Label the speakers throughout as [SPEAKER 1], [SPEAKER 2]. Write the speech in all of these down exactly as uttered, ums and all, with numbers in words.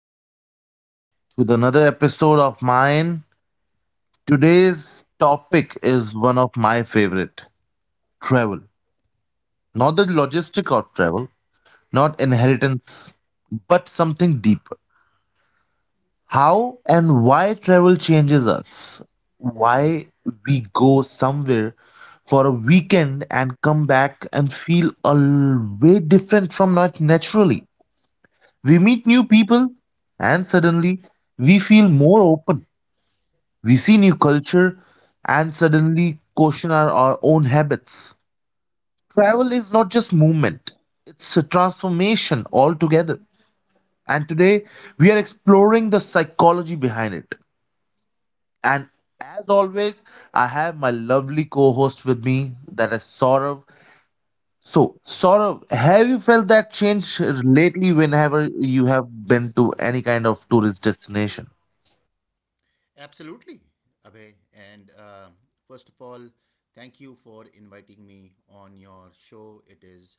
[SPEAKER 1] and gentlemen, to the another episode of mine. Today's topic is one of my favorite, travel. Not the logistic of travel, not inheritance, but something deeper. How and why travel changes us. Why we go somewhere for a weekend and come back and feel a l- way different from not naturally. We meet new people and suddenly we feel more open. We see new culture and suddenly question our, our own habits. Travel is not just movement, it's a transformation altogether. And today we are exploring the psychology behind it. And as always, I have my lovely co host with me, that is Saurav. So, Saurav, have you felt that change lately whenever you have been to any kind of tourist destination?
[SPEAKER 2] Absolutely, Abhay. And uh, First of all, thank you for inviting me on your show. It is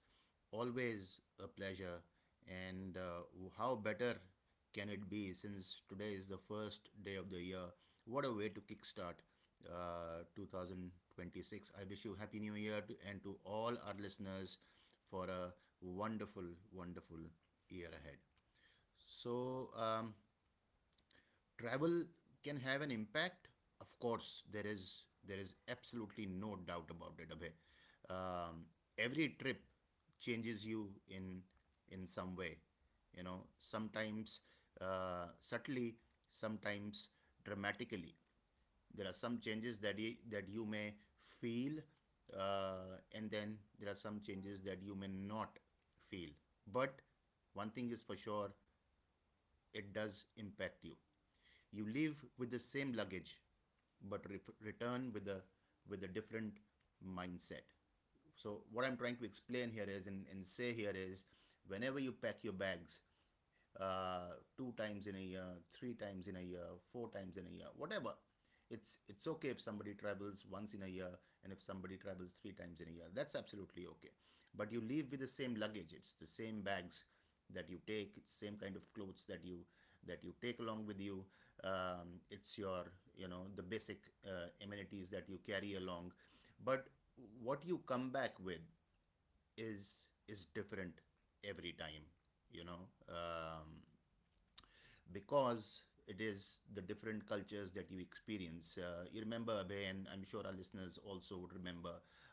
[SPEAKER 2] always a pleasure. And uh, how better can it be since today is the first day of the year? What a way to kickstart uh, two thousand twenty-six. I wish you Happy New Year to, and to all our listeners for a wonderful, wonderful year ahead. So, um, travel can have an impact. Of course, there is there is absolutely no doubt about it, Abhay. um, every trip changes you in in some way. You know sometimes uh, subtly, sometimes dramatically. There are some changes that you, that you may feel, uh, and then there are some changes that you may not feel, but one thing is for sure: it does impact you. You leave with the same luggage, but re- return with a with a different mindset. So what I'm trying to explain here is, and, and say here is, whenever you pack your bags, uh, two times in a year, three times in a year, four times in a year, whatever. It's it's okay if somebody travels once in a year and if somebody travels three times in a year. That's absolutely okay. But you leave with the same luggage. It's the same bags that you take. It's the same kind of clothes that you that you take along with you. Um, it's your, you know the basic uh, amenities that you carry along. But what you come back with is is different every time. You know. Um, because it is the different cultures that you experience. Uh, you remember, Abhay, and I'm sure our listeners also would remember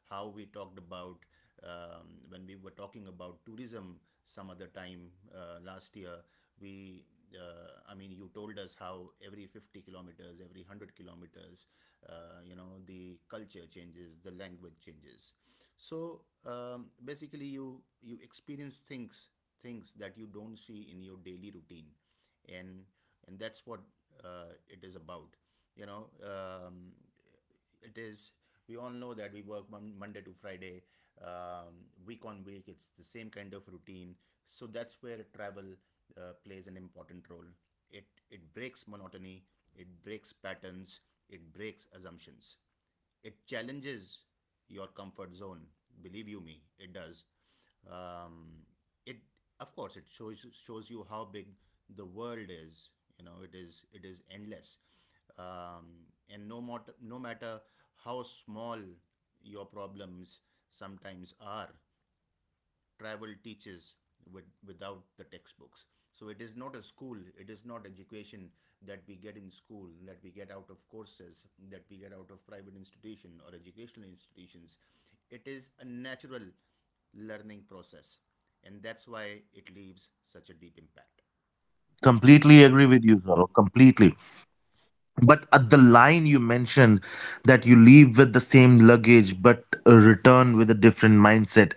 [SPEAKER 2] how we talked about, um, when we were talking about tourism some other time, uh, last year. We, uh, I mean, you told us how every 50 kilometers, every 100 kilometers, uh, you know, the culture changes, the language changes. So um, basically you you experience things things that you don't see in your daily routine. And and that's what uh, it is about. you know um, it is, we all know that we work mon- monday to Friday. Um, week on week, it's the same kind of routine. So that's where travel uh, plays an important role. It it breaks monotony, it breaks patterns, it breaks assumptions, it challenges your comfort zone. Believe you me, it does. Um, it Of course, it shows shows you how big the world is. You know, it is it is endless, um, and no matter no matter how small your problems sometimes are, travel teaches with, without the textbooks. So it is not a school, it is not education that we get in school, that we get out of courses, that we get out of private institution or educational institutions. It is a natural learning process, and that's why it leaves such a deep impact.
[SPEAKER 1] Completely agree with you, Saurabh. Completely. But at the line you mentioned that you leave with the same luggage but uh, return with a different mindset.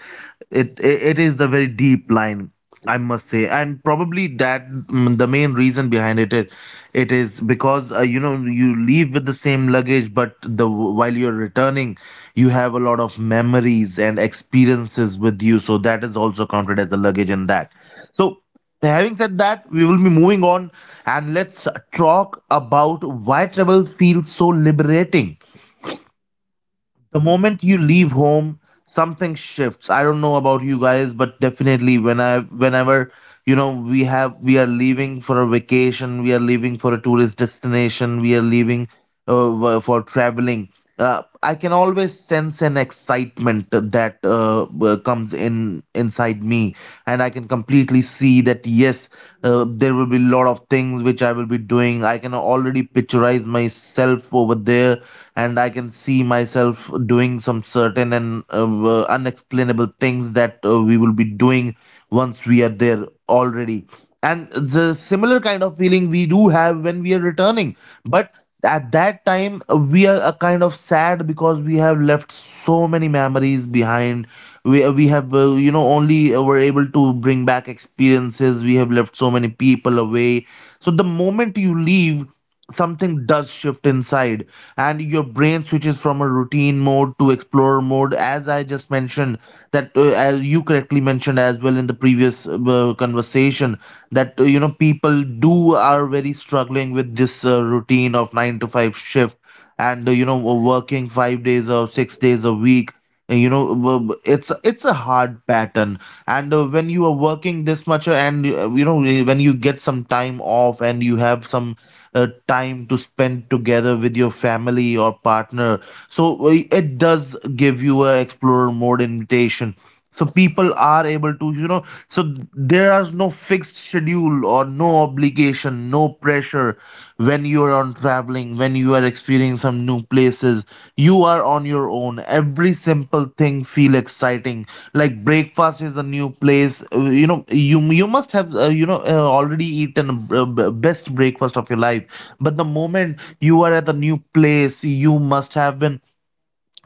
[SPEAKER 1] It, it it is the very deep line, I must say, and probably that mm, the main reason behind it it, it is because uh, you know, you leave with the same luggage, but the while you're returning, you have a lot of memories and experiences with you. So that is also counted as a luggage in that. So. Having said that, we will be moving on and let's talk about why travel feels so liberating. The moment you leave home, something shifts. I don't know about you guys, but definitely when I whenever, you know, we have we are leaving for a vacation, we are leaving for a tourist destination, we are leaving uh, for traveling. Uh, I can always sense an excitement that uh, uh, uh, comes in inside me, and I can completely see that, yes, uh, there will be a lot of things which I will be doing. I can already picturize myself over there, and I can see myself doing some certain and uh, uh, unexplainable things that uh, we will be doing once we are there already. And the similar kind of feeling we do have when we are returning, but at that time uh, we are uh, kind of sad because we have left so many memories behind. We, uh, we have uh, you know, only uh, were able to bring back experiences. We have left so many people away. So the moment you leave, something does shift inside, and your brain switches from a routine mode to explorer mode. As I just mentioned, that uh, as you correctly mentioned as well in the previous uh, conversation, that uh, you know, people do are very struggling with this uh, routine of nine to five shift, and uh, you know, working five days or six days a week. And, you know, w- w- it's it's a hard pattern, and uh, when you are working this much uh, and uh, you know, when you get some time off and you have some uh, time to spend together with your family or partner. So uh, it does give you a explorer mode invitation. So people are able to, you know, so there is no fixed schedule or no obligation, no pressure when you are on traveling, when you are are experiencing some new places. You are on your own. Every simple thing feel exciting. Like breakfast is a new place. Uh, You know, you you must have uh, you know, uh, already eaten uh, b- best breakfast of your life. But the moment you are at the new place, you must have been,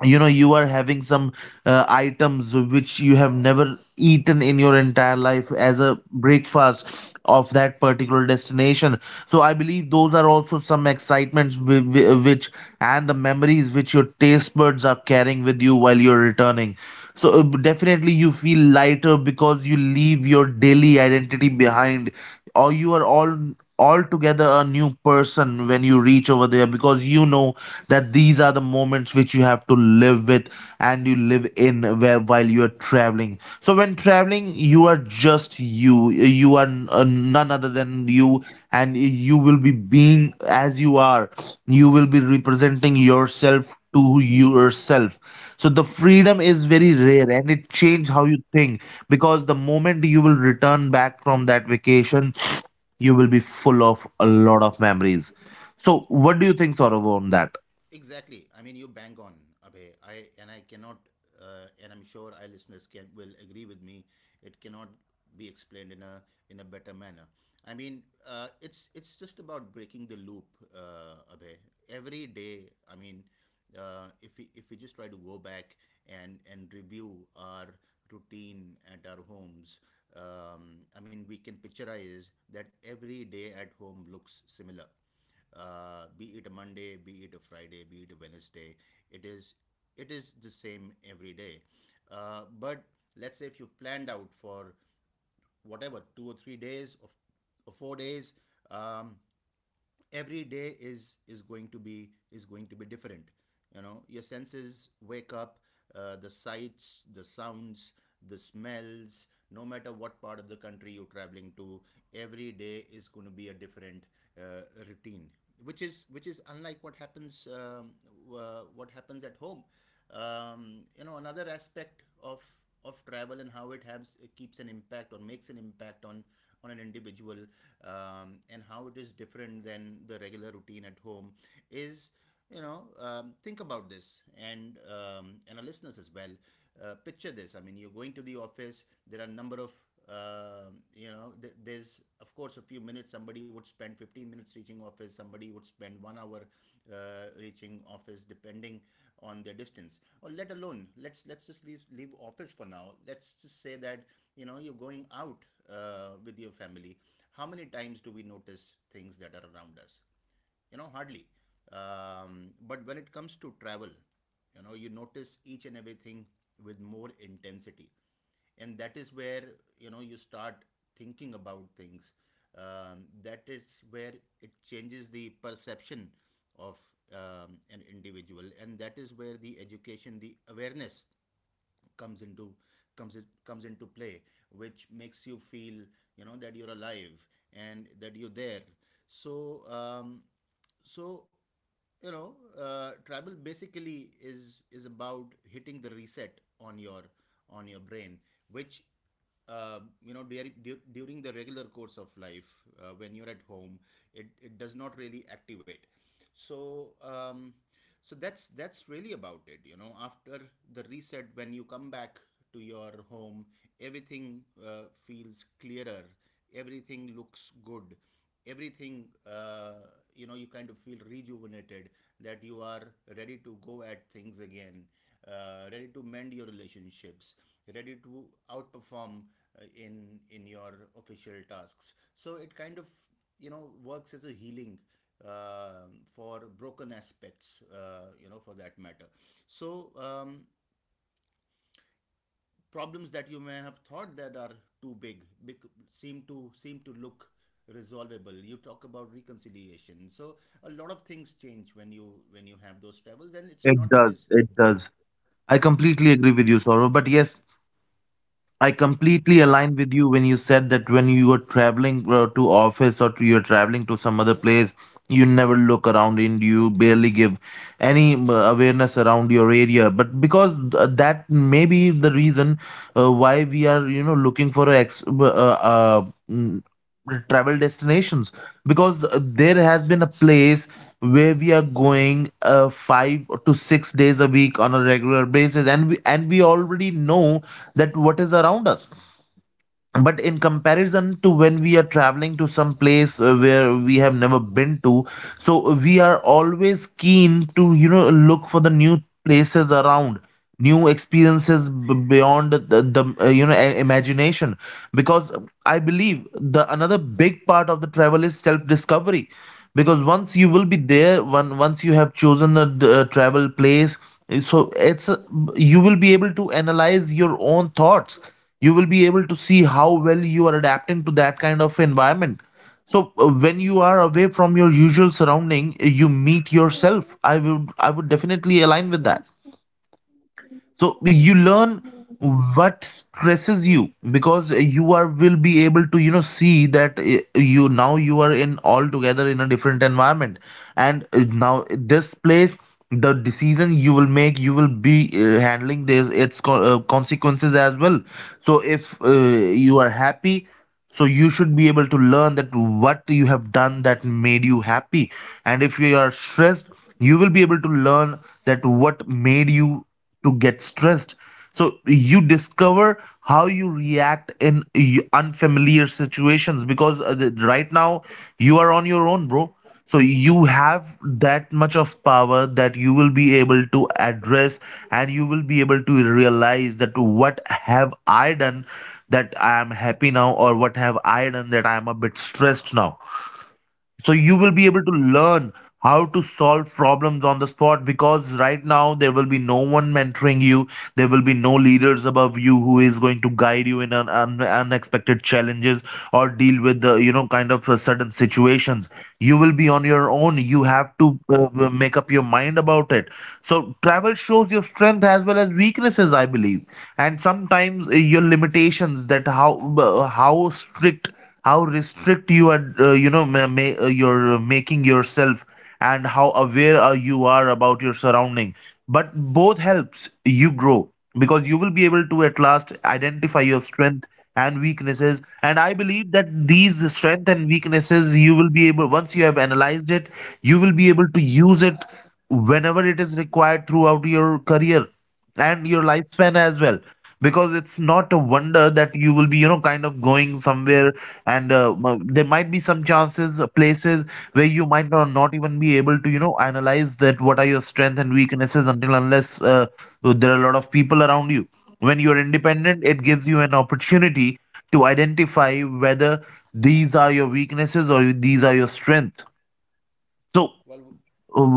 [SPEAKER 1] you know, you are having some uh, items which you have never eaten in your entire life as a breakfast of that particular destination. So I believe those are also some excitements whi- whi- which, and the memories which your taste buds are carrying with you while you're returning. So uh, definitely you feel lighter because you leave your daily identity behind, or you are all altogether a new person when you reach over there, because you know that these are the moments which you have to live with, and you live in where while you are traveling. So when traveling, you are just you you are uh, none other than you, and you will be being as you are. You will be representing yourself to yourself. So the freedom is very rare, and it change how you think, because the moment you will return back from that vacation, you will be full of a lot of memories. So, what do you think, Saurav, on that?
[SPEAKER 2] Exactly. I mean, you bang on, Abhay. I and I cannot, uh, and I'm sure our listeners can will agree with me. It cannot be explained in a in a better manner. I mean, uh, it's it's just about breaking the loop, uh, Abhay. Every day, I mean, uh, if we if we just try to go back and and review our routine at our homes. um, I mean, we can picturize that every day at home looks similar, uh, be it a Monday, be it a Friday, be it a Wednesday. It is it is the same every day. Uh, but let's say if you've planned out for whatever two or three days of or four days, um, every day is is going to be is going to be different. You know your senses wake up, uh, the sights, the sounds, the smells. No matter what part of the country you're traveling to, every day is going to be a different uh, routine, which is which is unlike what happens um, uh, what happens at home. Um, you know another aspect of of travel, and how it has it keeps an impact or makes an impact on on an individual, um, and how it is different than the regular routine at home is, you know um, think about this, and um, and our listeners as well, uh, picture this. I mean, you're going to the office. There are a number of, um you know th- there's of course a few minutes. Somebody would spend fifteen minutes reaching office, somebody would spend one hour uh, reaching office, depending on their distance. Or let alone, let's let's just leave, leave office for now. Let's just say that you know you're going out uh, with your family. How many times do we notice things that are around us you know Hardly. Um, but when it comes to travel you know you notice each and everything with more intensity. And that is where you know you start thinking about things. Um, that is where it changes the perception of, um, an individual. And that is where the education, the awareness comes into comes in, comes into play, which makes you feel you know that you're alive and that you're there. So um, so you know uh, travel basically is is about hitting the reset on your on your brain, which uh, you know during, du- during the regular course of life, uh, when you're at home, it, it does not really activate. So um, so that's that's really about it. You know, after the reset, when you come back to your home, everything uh, feels clearer, everything looks good, everything, uh, you know you kind of feel rejuvenated, that you are ready to go at things again, uh, ready to mend your relationships, ready to outperform uh, in in your official tasks. So it kind of, you know works as a healing, um for broken aspects, uh, you know for that matter. So um, problems that you may have thought that are too big, bec- seem to seem to look resolvable. You talk about reconciliation. So a lot of things change when you, when you have those travels, and it's
[SPEAKER 1] It
[SPEAKER 2] not
[SPEAKER 1] does.
[SPEAKER 2] because...
[SPEAKER 1] It
[SPEAKER 2] Yeah.
[SPEAKER 1] does. I completely agree with you, Saurav. But yes, I completely align with you when you said that when you are traveling uh, to office or to, you're traveling to some other place, you never look around and you barely give any um, awareness around your area. But because th- that may be the reason uh, why we are, you know, looking for a ex- uh, uh, mm, travel destinations, because uh, there has been a place where we are going uh, five to six days a week on a regular basis, and we and we already know that what is around us. But in comparison to when we are traveling to some place uh, where we have never been to, so we are always keen to, you know, look for the new places around, new experiences b- beyond the, the uh, you know, i- imagination. Because I believe the another big part of the travel is self discovery. Because once you will be there, one once you have chosen a d- uh, travel place, so it's a, you will be able to analyze your own thoughts. You will be able to see how well you are adapting to that kind of environment. So uh, when you are away from your usual surrounding, uh, you meet yourself. I would i would definitely align with that. So you learn what stresses you, because you are will be able to, you know, see that eh, you now you are in altogether in a different environment. And eh, now this place, the decision you will make, you will be uh, handling this its co- uh, consequences as well. So if uh, you are happy, so you should be able to learn that what you have done that made you happy. And if you are stressed, you will be able to learn that what made you to get stressed. So you discover how you react in y- unfamiliar situations, because uh, the- right now you are on your own, bro. So you have that much of power that you will be able to address, and you will be able to realize that what have I done that I am happy now, or what have I done that I am a bit stressed now. So you will be able to learn how to solve problems on the spot, because right now there will be no one mentoring you. There will be no leaders above you who is going to guide you in an un- unexpected challenges, or deal with the, you know, kind of uh, sudden situations. You will be on your own. You have to uh, make up your mind about it. So travel shows your strength as well as weaknesses, I believe, and sometimes uh, your limitations, that how uh, how strict, how restrict you are, uh, you know, ma- ma- uh, you're uh, making yourself, and how aware are you are about your surrounding. But both helps you grow, because you will be able to at last identify your strength and weaknesses. And I believe that these strength and weaknesses, you will be able, once you have analyzed it, you will be able to use it whenever it is required throughout your career and your lifespan as well. Because it's not a wonder that you will be, you know, kind of going somewhere, and uh, m- there might be some chances, uh, places where you might not, not even be able to, you know, analyze that what are your strengths and weaknesses, until unless uh, there are a lot of people around you. When you are independent, it gives you an opportunity to identify whether these are your weaknesses or these are your strength. So uh,
[SPEAKER 2] Well.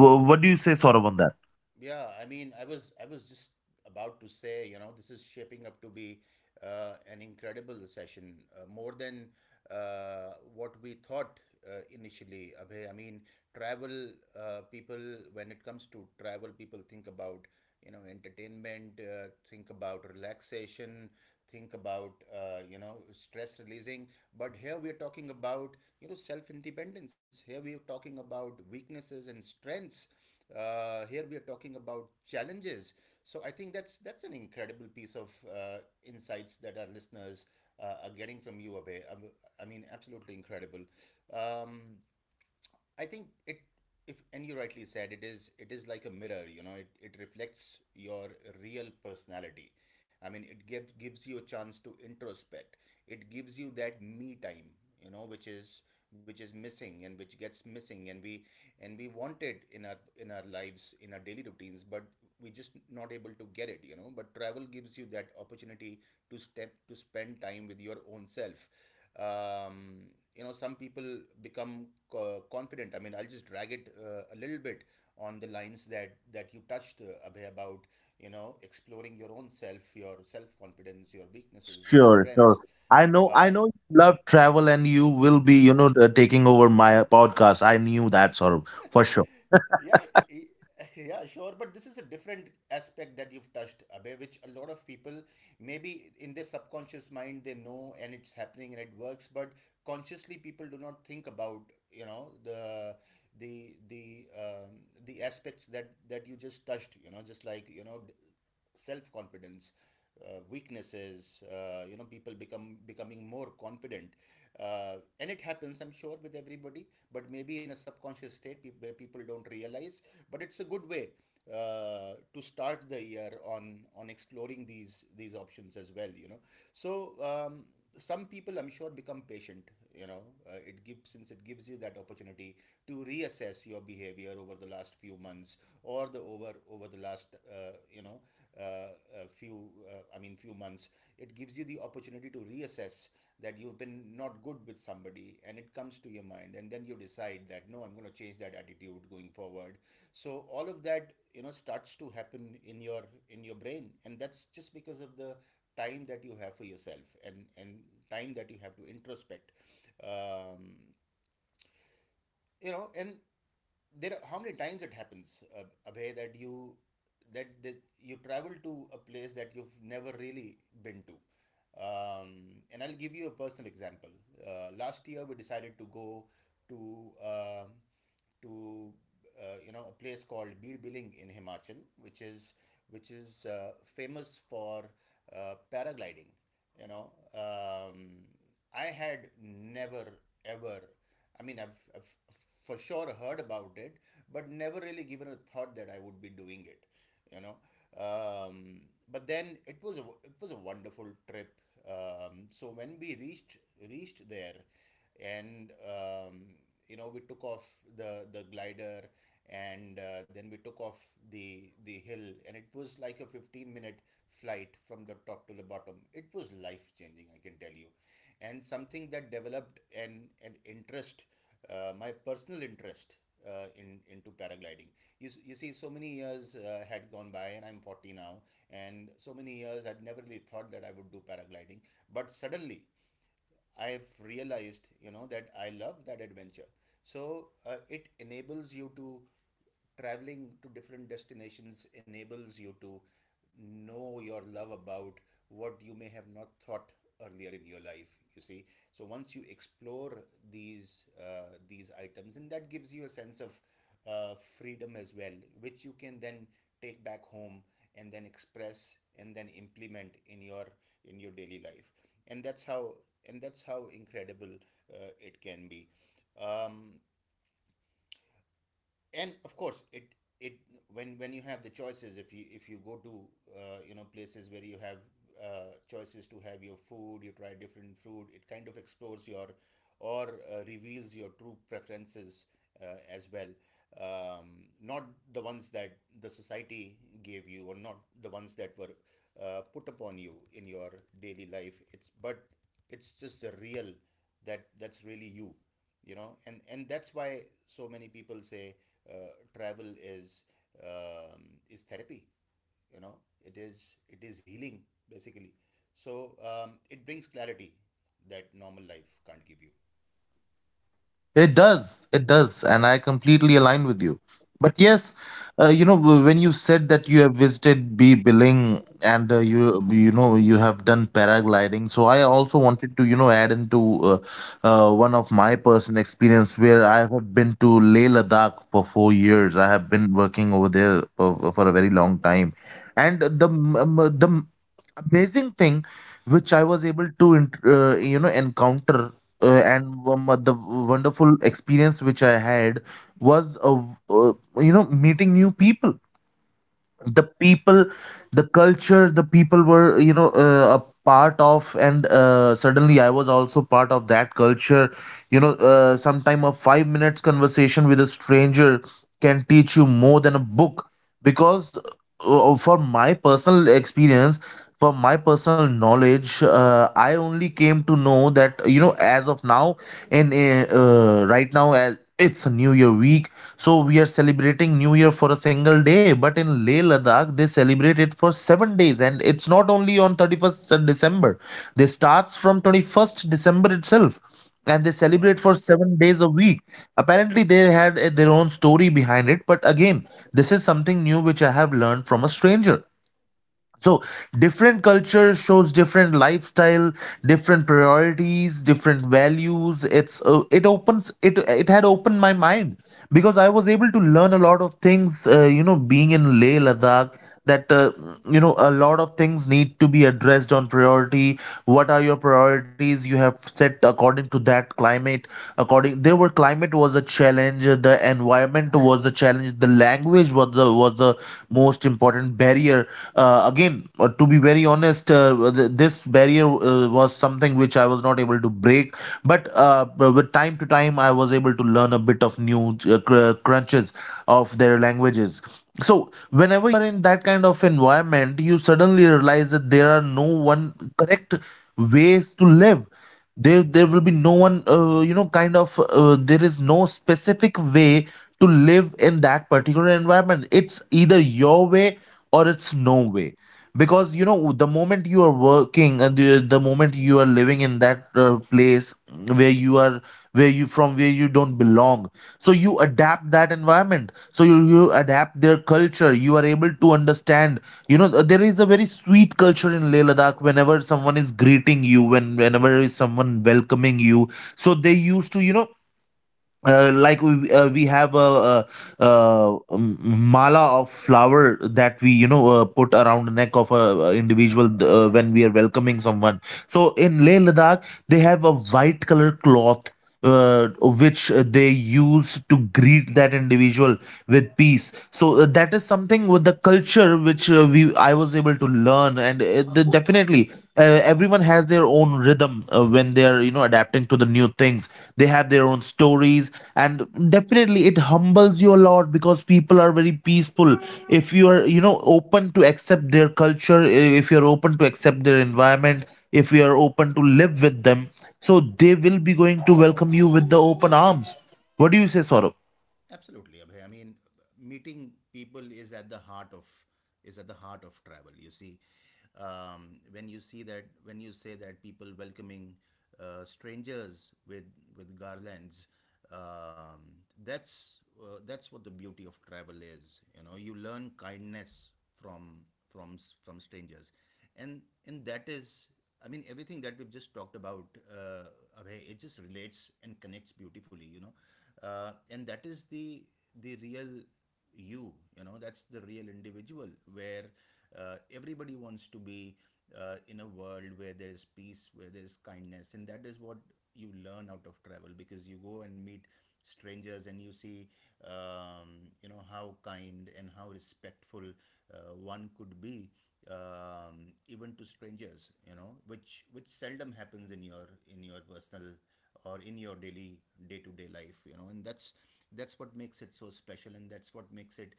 [SPEAKER 1] wh- what do you say, Saurav, on that?
[SPEAKER 2] Yeah, I mean, I was I was just about to say, you know, this is shaping up to be uh, an incredible session, uh, more than uh, what we thought uh, initially. Abhay, I mean, travel uh, people. When it comes to travel, people think about, you know entertainment, uh, think about relaxation, think about, uh, you know stress releasing. But here we are talking about, you know self independence, here we are talking about weaknesses and strengths, uh, here we are talking about challenges. So I think that's that's an incredible piece of uh, insights that our listeners uh, are getting from you, Abhay. Um, I mean, absolutely incredible. Um, I think it if and you rightly said, it is it is like a mirror. you know it, it reflects your real personality. I mean, it gives gives you a chance to introspect. It gives you that me time, you know which is which is missing and which gets missing, and we and we want it in our, in our lives, in our daily routines, but we just not able to get it you know But travel gives you that opportunity to step to spend time with your own self. um, you know some people become co- confident. I mean, I'll just drag it uh, a little bit on the lines that that you touched, uh, Abhay, about, you know, exploring your own self, your self confidence, your weaknesses, your
[SPEAKER 1] Sure, sure.
[SPEAKER 2] strengths,
[SPEAKER 1] I know, I
[SPEAKER 2] uh,
[SPEAKER 1] know you love travel, and you will be, you know, t- taking over my podcast. I knew that, sort of, for sure.
[SPEAKER 2] Yeah, y- yeah, sure. But this is a different aspect that you've touched, Abhay, which a lot of people maybe in their subconscious mind they know and it's happening and it works, but consciously people do not think about, you know, the the the um, the aspects that that you just touched, you know, just like, you know, self confidence, uh, weaknesses, uh, you know, people become becoming more confident, uh, and it happens, I'm sure, with everybody, but maybe in a subconscious state peop where people don't realize. But it's a good way uh, to start the year on on exploring these these options as well, you know. So um, some people, I'm sure, become patient, you know. Uh, it gives Since it gives you that opportunity to reassess your behavior over the last few months, or the over over the last, uh, you know uh, a few, uh, I mean, few months, it gives you the opportunity to reassess that you've been not good with somebody, and it comes to your mind, and then you decide that, no, I'm going to change that attitude going forward. So all of that, you know, starts to happen in your in your brain, and that's just because of the time that you have for yourself, and and time that you have to introspect, um, you know and there are, how many times it happens, uh, Abhay, that you that, that you travel to a place that you've never really been to. Um, and I'll give you a personal example. Uh, last year, we decided to go to uh, to uh, you know a place called Bir Biling in Himachal, which is which is uh, famous for uh, paragliding. You know, um, I had never ever, I mean, I've, I've for sure heard about it, but never really given a thought that I would be doing it, you know. Um, but then it was a it was a wonderful trip. Um, so when we reached reached there, and, um, you know, we took off the the glider, and, uh, then we took off the the hill, and it was like a fifteen minute flight from the top to the bottom. It was life changing, I can tell you, and something that developed an, an interest, uh, my personal interest, uh, in into paragliding. You, you see, so many years, uh, had gone by, and I'm forty now, and so many years I'd never really thought that I would do paragliding, but suddenly I've realized, you know, that I love that adventure. So, uh, it enables you to traveling to different destinations enables you to know your love about what you may have not thought earlier in your life, you see. So once you explore these uh, these items, and that gives you a sense of uh, freedom as well, which you can then take back home, and then express, and then implement in your in your daily life, and that's how and that's how incredible uh, it can be. um, and of course it it when when you have the choices, if you if you go to, uh, you know places where you have uh, choices to have your food, you try different food. It kind of explores your or uh, reveals your true preferences, uh, as well. Um, not the ones that the society gave you, or not the ones that were, uh, put upon you in your daily life. It's but it's just the real, that that's really you, you know. And and that's why so many people say uh, travel is, um, is therapy. You know, it is, it is healing basically. So, um, it brings clarity that normal life can't give you.
[SPEAKER 1] It does. It does. And I completely align with you. But yes, uh, you know, w- when you said that you have visited B Billing, and uh, you, you know, you have done paragliding, so I also wanted to, you know, add into uh, uh, one of my personal experience where I have been to Leh Ladakh for four years. I have been working over there for, for a very long time, and the m- m- the m- amazing thing which I was able to int- uh, you know encounter uh, and one of the wonderful experience which I had was, uh, uh, you know, meeting new people, the people, the culture the people were you know uh, a part of, and uh, suddenly I was also part of that culture. You know uh, sometime a five minutes conversation with a stranger can teach you more than a book, because uh, for my personal experience, for my personal knowledge, uh, I only came to know that, you know, as of now, and uh, uh, right now as it's a new year week. So we are celebrating New Year for a single day, but in Leh Ladakh they celebrate it for seven days, and it's not only on thirty-first December. They starts from twenty-first December itself, and they celebrate
[SPEAKER 2] Wow.
[SPEAKER 1] for seven days a week. Apparently they had uh, their own story behind it, but again, this is something new which I have learned from a stranger. So different culture shows different lifestyle, different priorities, different values. It's uh, it opens it it had opened my mind because I was able to learn a lot of things, uh, you know, being in Leh Ladakh, that, uh, you know, a lot of things need to be addressed on priority. What are your priorities you have set according to that climate? According, there were climate was a challenge, the environment was the challenge, the language was the, was the most important barrier. Uh, again, uh, to be very honest, uh, th- this barrier uh, was something which I was not able to break, but uh, b- with time to time I was able to learn a bit of new uh, cr- crunches of their languages. So whenever you are in that kind of environment, you suddenly realize that there are no one correct ways to live. There there will be no one uh, you know kind of uh, there is no specific way to live in that particular environment. It's either your way or it's no way, because, you know, the moment you are working, and the, the moment you are living in that uh, place where you are, where you from, where you don't belong, so you adapt that environment, so you, you adapt their culture, you are able to understand. You know, there is a very sweet culture in Leh Ladakh. Whenever someone is greeting you, when whenever is someone welcoming you, so they used to, you know, uh, like we uh, we have a, a, a um, mala of flower that we, you know, uh, put around the neck of a, a individual uh, when we are welcoming someone. So in Leh Ladakh they have a white color cloth uh, which uh, they use to greet that individual with peace. So uh, that is something with the culture which which uh, we I was able to learn, and uh, the, definitely uh, everyone has their own rhythm uh, when they are, you know, adapting to the new things. They have their own stories, and definitely it humbles you a lot because people are very peaceful. If you are, you know, open to accept their culture, i- if you are open to accept their environment, if you are open to live with them, so they will be going to welcome you with the open arms. What do you say, Saurabh?
[SPEAKER 2] Absolutely, Abhay. I mean, meeting people is at the heart of, is at the heart of travel. You see, um, when you see that when you say that people welcoming uh, strangers with with garlands, um, that's, uh, that's what the beauty of travel is. You know, you learn kindness from from s- from strangers, and and that is, I mean, everything that we've just talked about, uh, Abhay, it just relates and connects beautifully, you know, uh, and that is the the real you, you know, that's the real individual where uh, everybody wants to be uh, in a world where there is peace, where there is kindness, and that is what you learn out of travel, because you go and meet strangers and you see, um, you know, how kind and how respectful uh, one could be, um, even to strangers, you know, which which seldom happens in your in your personal or in your daily day-to-day life, you know. And that's that's what makes it so special, and that's what makes it,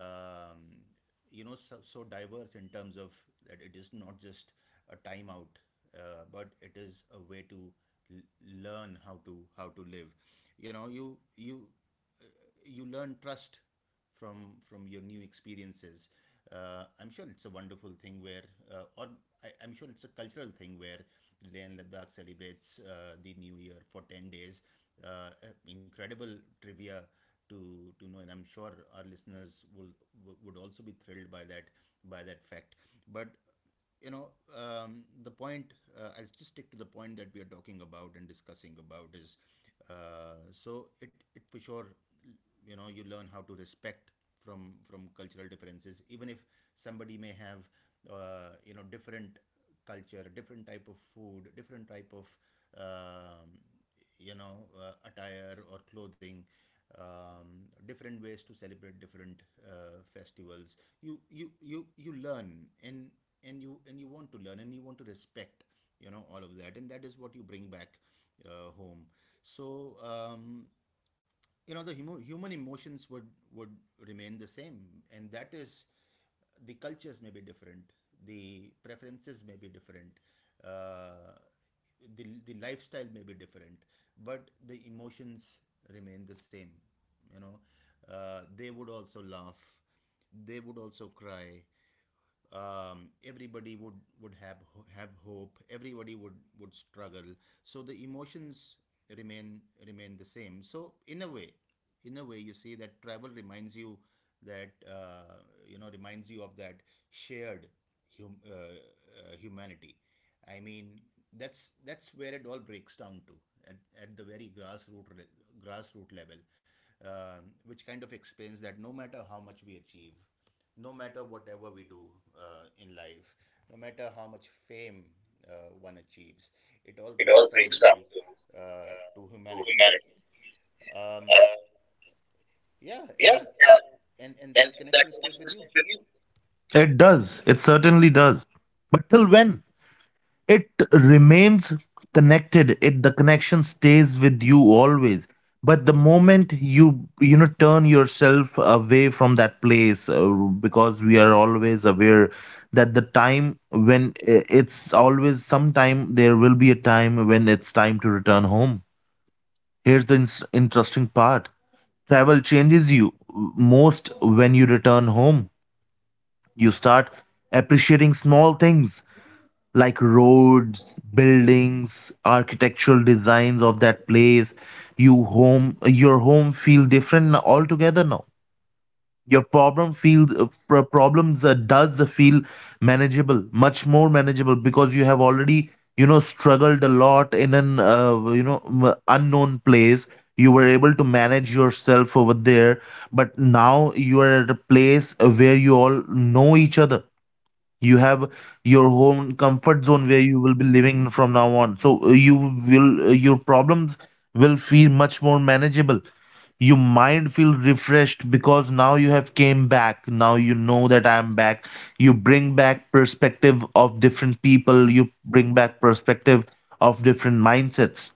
[SPEAKER 2] um, you know so, so diverse in terms of that it is not just a time out, uh, but it is a way to l- learn how to how to live, you know. You you you learn trust from from your new experiences. Uh, I'm sure it's a wonderful thing where, uh, or I, I'm sure it's a cultural thing where Leh and Ladakh celebrates, uh, the New Year for ten days. Uh, uh, incredible trivia to to know, and I'm sure our listeners will would also be thrilled by that by that fact. But you know, um, the point, uh, I'll just stick to the point that we are talking about and discussing about is, uh, so it, it for sure, you know, you learn how to respect from from cultural differences, even if somebody may have, uh, you know, different culture, different type of food, different type of, um, you know uh, attire or clothing, um, different ways to celebrate different uh, festivals. You you you you learn, and and you and you want to learn, and you want to respect, you know, all of that, and that is what you bring back uh, home. So, um, you know, the humo- human emotions would would remain the same, and that is, the cultures may be different, the preferences may be different, uh, the, the lifestyle may be different, but the emotions remain the same, you know. Uh, they would also laugh, they would also cry, um, everybody would would have have hope, everybody would would struggle. So the emotions remain remain the same. So in a way, in a way you see that travel reminds you that, uh, you know reminds you of that shared hum- uh, uh, humanity. I mean, that's that's where it all breaks down to, at, at the very grassroots grassroots level. Um, which kind of explains that no matter how much we achieve, no matter whatever we do uh, in life, no matter how much fame uh, one achieves, it all breaks down to, uh, to humanity. Um, yeah, uh, and and that connection stays with you.
[SPEAKER 1] It does. It certainly does. But till when? It remains connected, it the connection stays with you always, but the moment you, you know, turn yourself away from that place, uh, because we are always aware that the time when, uh, it's always sometime there will be a time when it's time to return home. Here's the ins- interesting part: travel changes you most when you return home. You start appreciating small things like roads, buildings, architectural designs of that place. You home, your home feel different altogether now. Your problem feels uh, pro- problems uh, does feel manageable, much more manageable, because you have already, you know, struggled a lot in an uh, you know m- unknown place. You were able to manage yourself over there, but now you are at a place uh, where you all know each other, you have your own comfort zone where you will be living from now on. So uh, you will uh, your problems will feel much more manageable, your mind feel refreshed, because now you have came back, now you know that I am back. You bring back perspective of different people, you bring back perspective of different mindsets,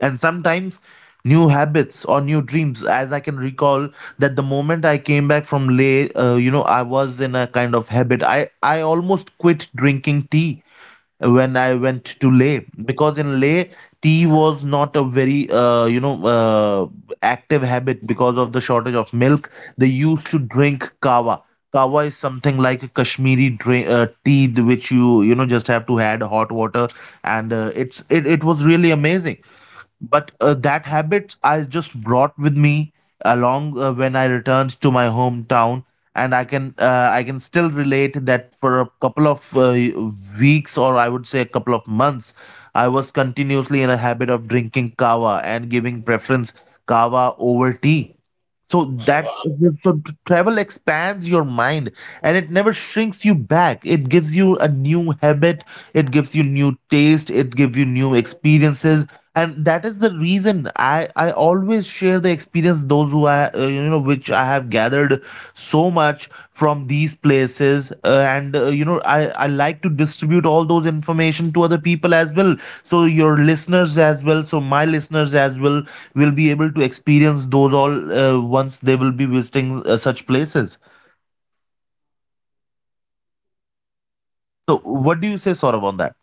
[SPEAKER 1] and sometimes new habits or new dreams. As I can recall, that the moment I came back from Leh, uh, you know, I was in a kind of habit, i i almost quit drinking tea when I went to Leh, because in Leh tea was not a very uh, you know uh, active habit because of the shortage of milk. They used to drink kawa. Kawa is something like a Kashmiri drink, uh, tea th- which you you know, just have to add hot water, and uh, it's it, it was really amazing. But uh, that habits I just brought with me along uh, when I returned to my hometown, and I can, uh, I can still relate that for a couple of uh, weeks, or I would say a couple of months, I was continuously in a habit of drinking kava and giving preference kava over tea. So that,
[SPEAKER 2] wow.
[SPEAKER 1] so travel expands your mind and it never shrinks you back. It gives you a new habit, it gives you new taste, it gives you new experiences, and that is the reason i i always share the experience those who I, uh, you know which I have gathered so much from these places, uh, and uh, you know, i i like to distribute all those information to other people as well, so your listeners as well, so my listeners as well will be able to experience those all uh, once they will be visiting uh, such places. So, what do you say, Saurabh, on that?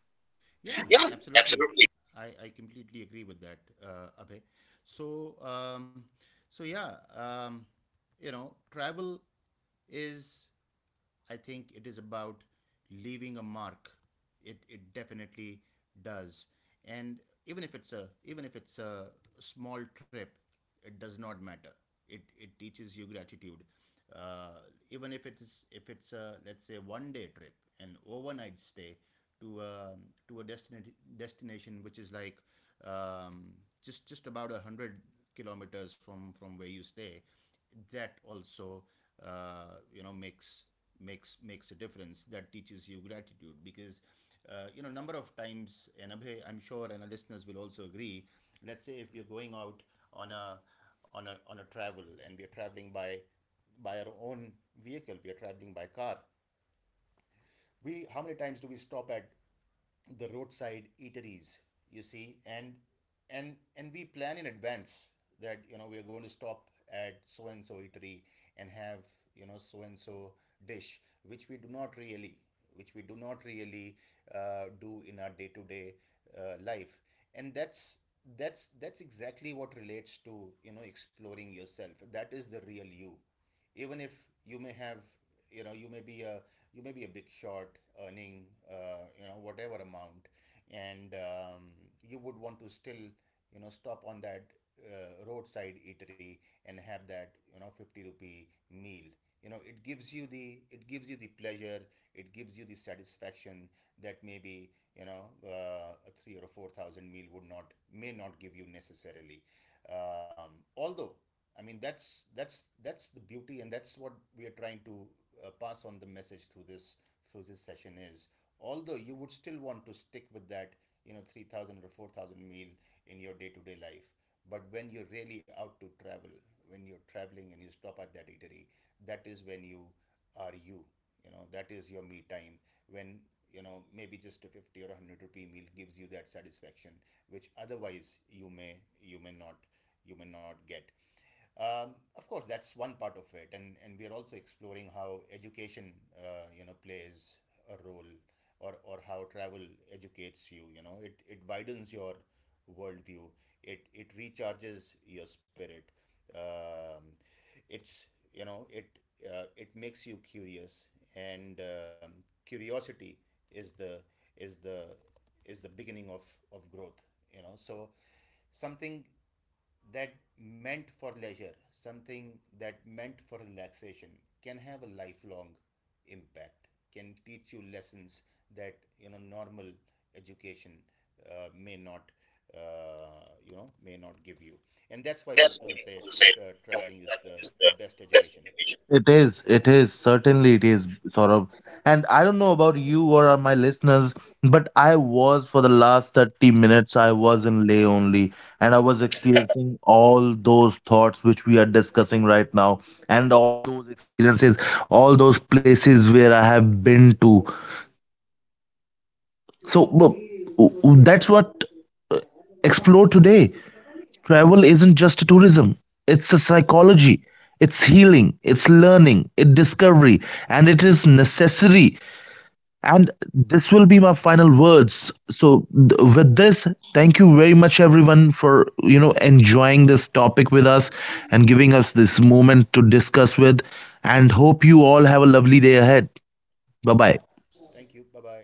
[SPEAKER 2] Yeah, absolutely. I, I completely agree with that, uh, Abhay. So um, so yeah, um, you know, travel is, I think it is about leaving a mark. It it definitely does. And even if it's a even if it's a small trip, it does not matter. It it teaches you gratitude. Uh, even if it's if it's a, let's say, one day trip, an overnight stay to a to a destination destination which is like, um, just just about a hundred kilometers from from where you stay, that also, uh, you know makes makes makes a difference. That teaches you gratitude, because, uh, you know, number of times, and Abhay, I'm sure, and our listeners will also agree, let's say if you're going out on a on a on a travel, and we're traveling by by our own vehicle, we are traveling by car, we how many times do we stop at the roadside eateries? You see, and and and we plan in advance that, you know, we are going to stop at so and so eatery, and have, you know, so and so dish, which we do not really which we do not really uh, do in our day-to-day uh, life. And that's that's that's exactly what relates to, you know, exploring yourself. That is the real you. Even if you may have, you know, you may be a, you may be a big shot earning, uh, you know, whatever amount, and um, you would want to still, you know, stop on that uh, roadside eatery and have that, you know, fifty rupee meal. You know, it gives you the, it gives you the pleasure, it gives you the satisfaction, that maybe, you know, uh, a three or a four thousand meal would not, may not give you necessarily. Um, although, I mean, that's that's that's the beauty, and that's what we are trying to, uh, pass on the message through this through this session is. Although you would still want to stick with that, you know, three thousand or four thousand meal in your day to day life, but when you're really out to travel, when you're traveling and you stop at that eatery, that is when you are you. You know, that is your me time. When, you know, maybe just a fifty or a hundred rupee meal gives you that satisfaction which otherwise you may, you may not you may not get. Um, of course, that's one part of it, and and we are also exploring how education, uh, you know, plays a role, or or how travel educates you. You know, it it widens your worldview. It it recharges your spirit. Um, it's You know, it uh, it makes you curious, and, um, curiosity is the is the is the beginning of of growth. You know, so something that meant for leisure, something that meant for relaxation, can have a lifelong impact, can teach you lessons that, you know, normal education uh, may not, uh, you know may not give you, and that's why people say, uh, traveling is the best education.
[SPEAKER 1] It is, it is, certainly it is, Saurabh. And I don't know about you or my listeners, but I was for the last thirty minutes, I was in lay only, and I was experiencing all those thoughts which we are discussing right now.
[SPEAKER 2] yep. Thank you. Bye bye.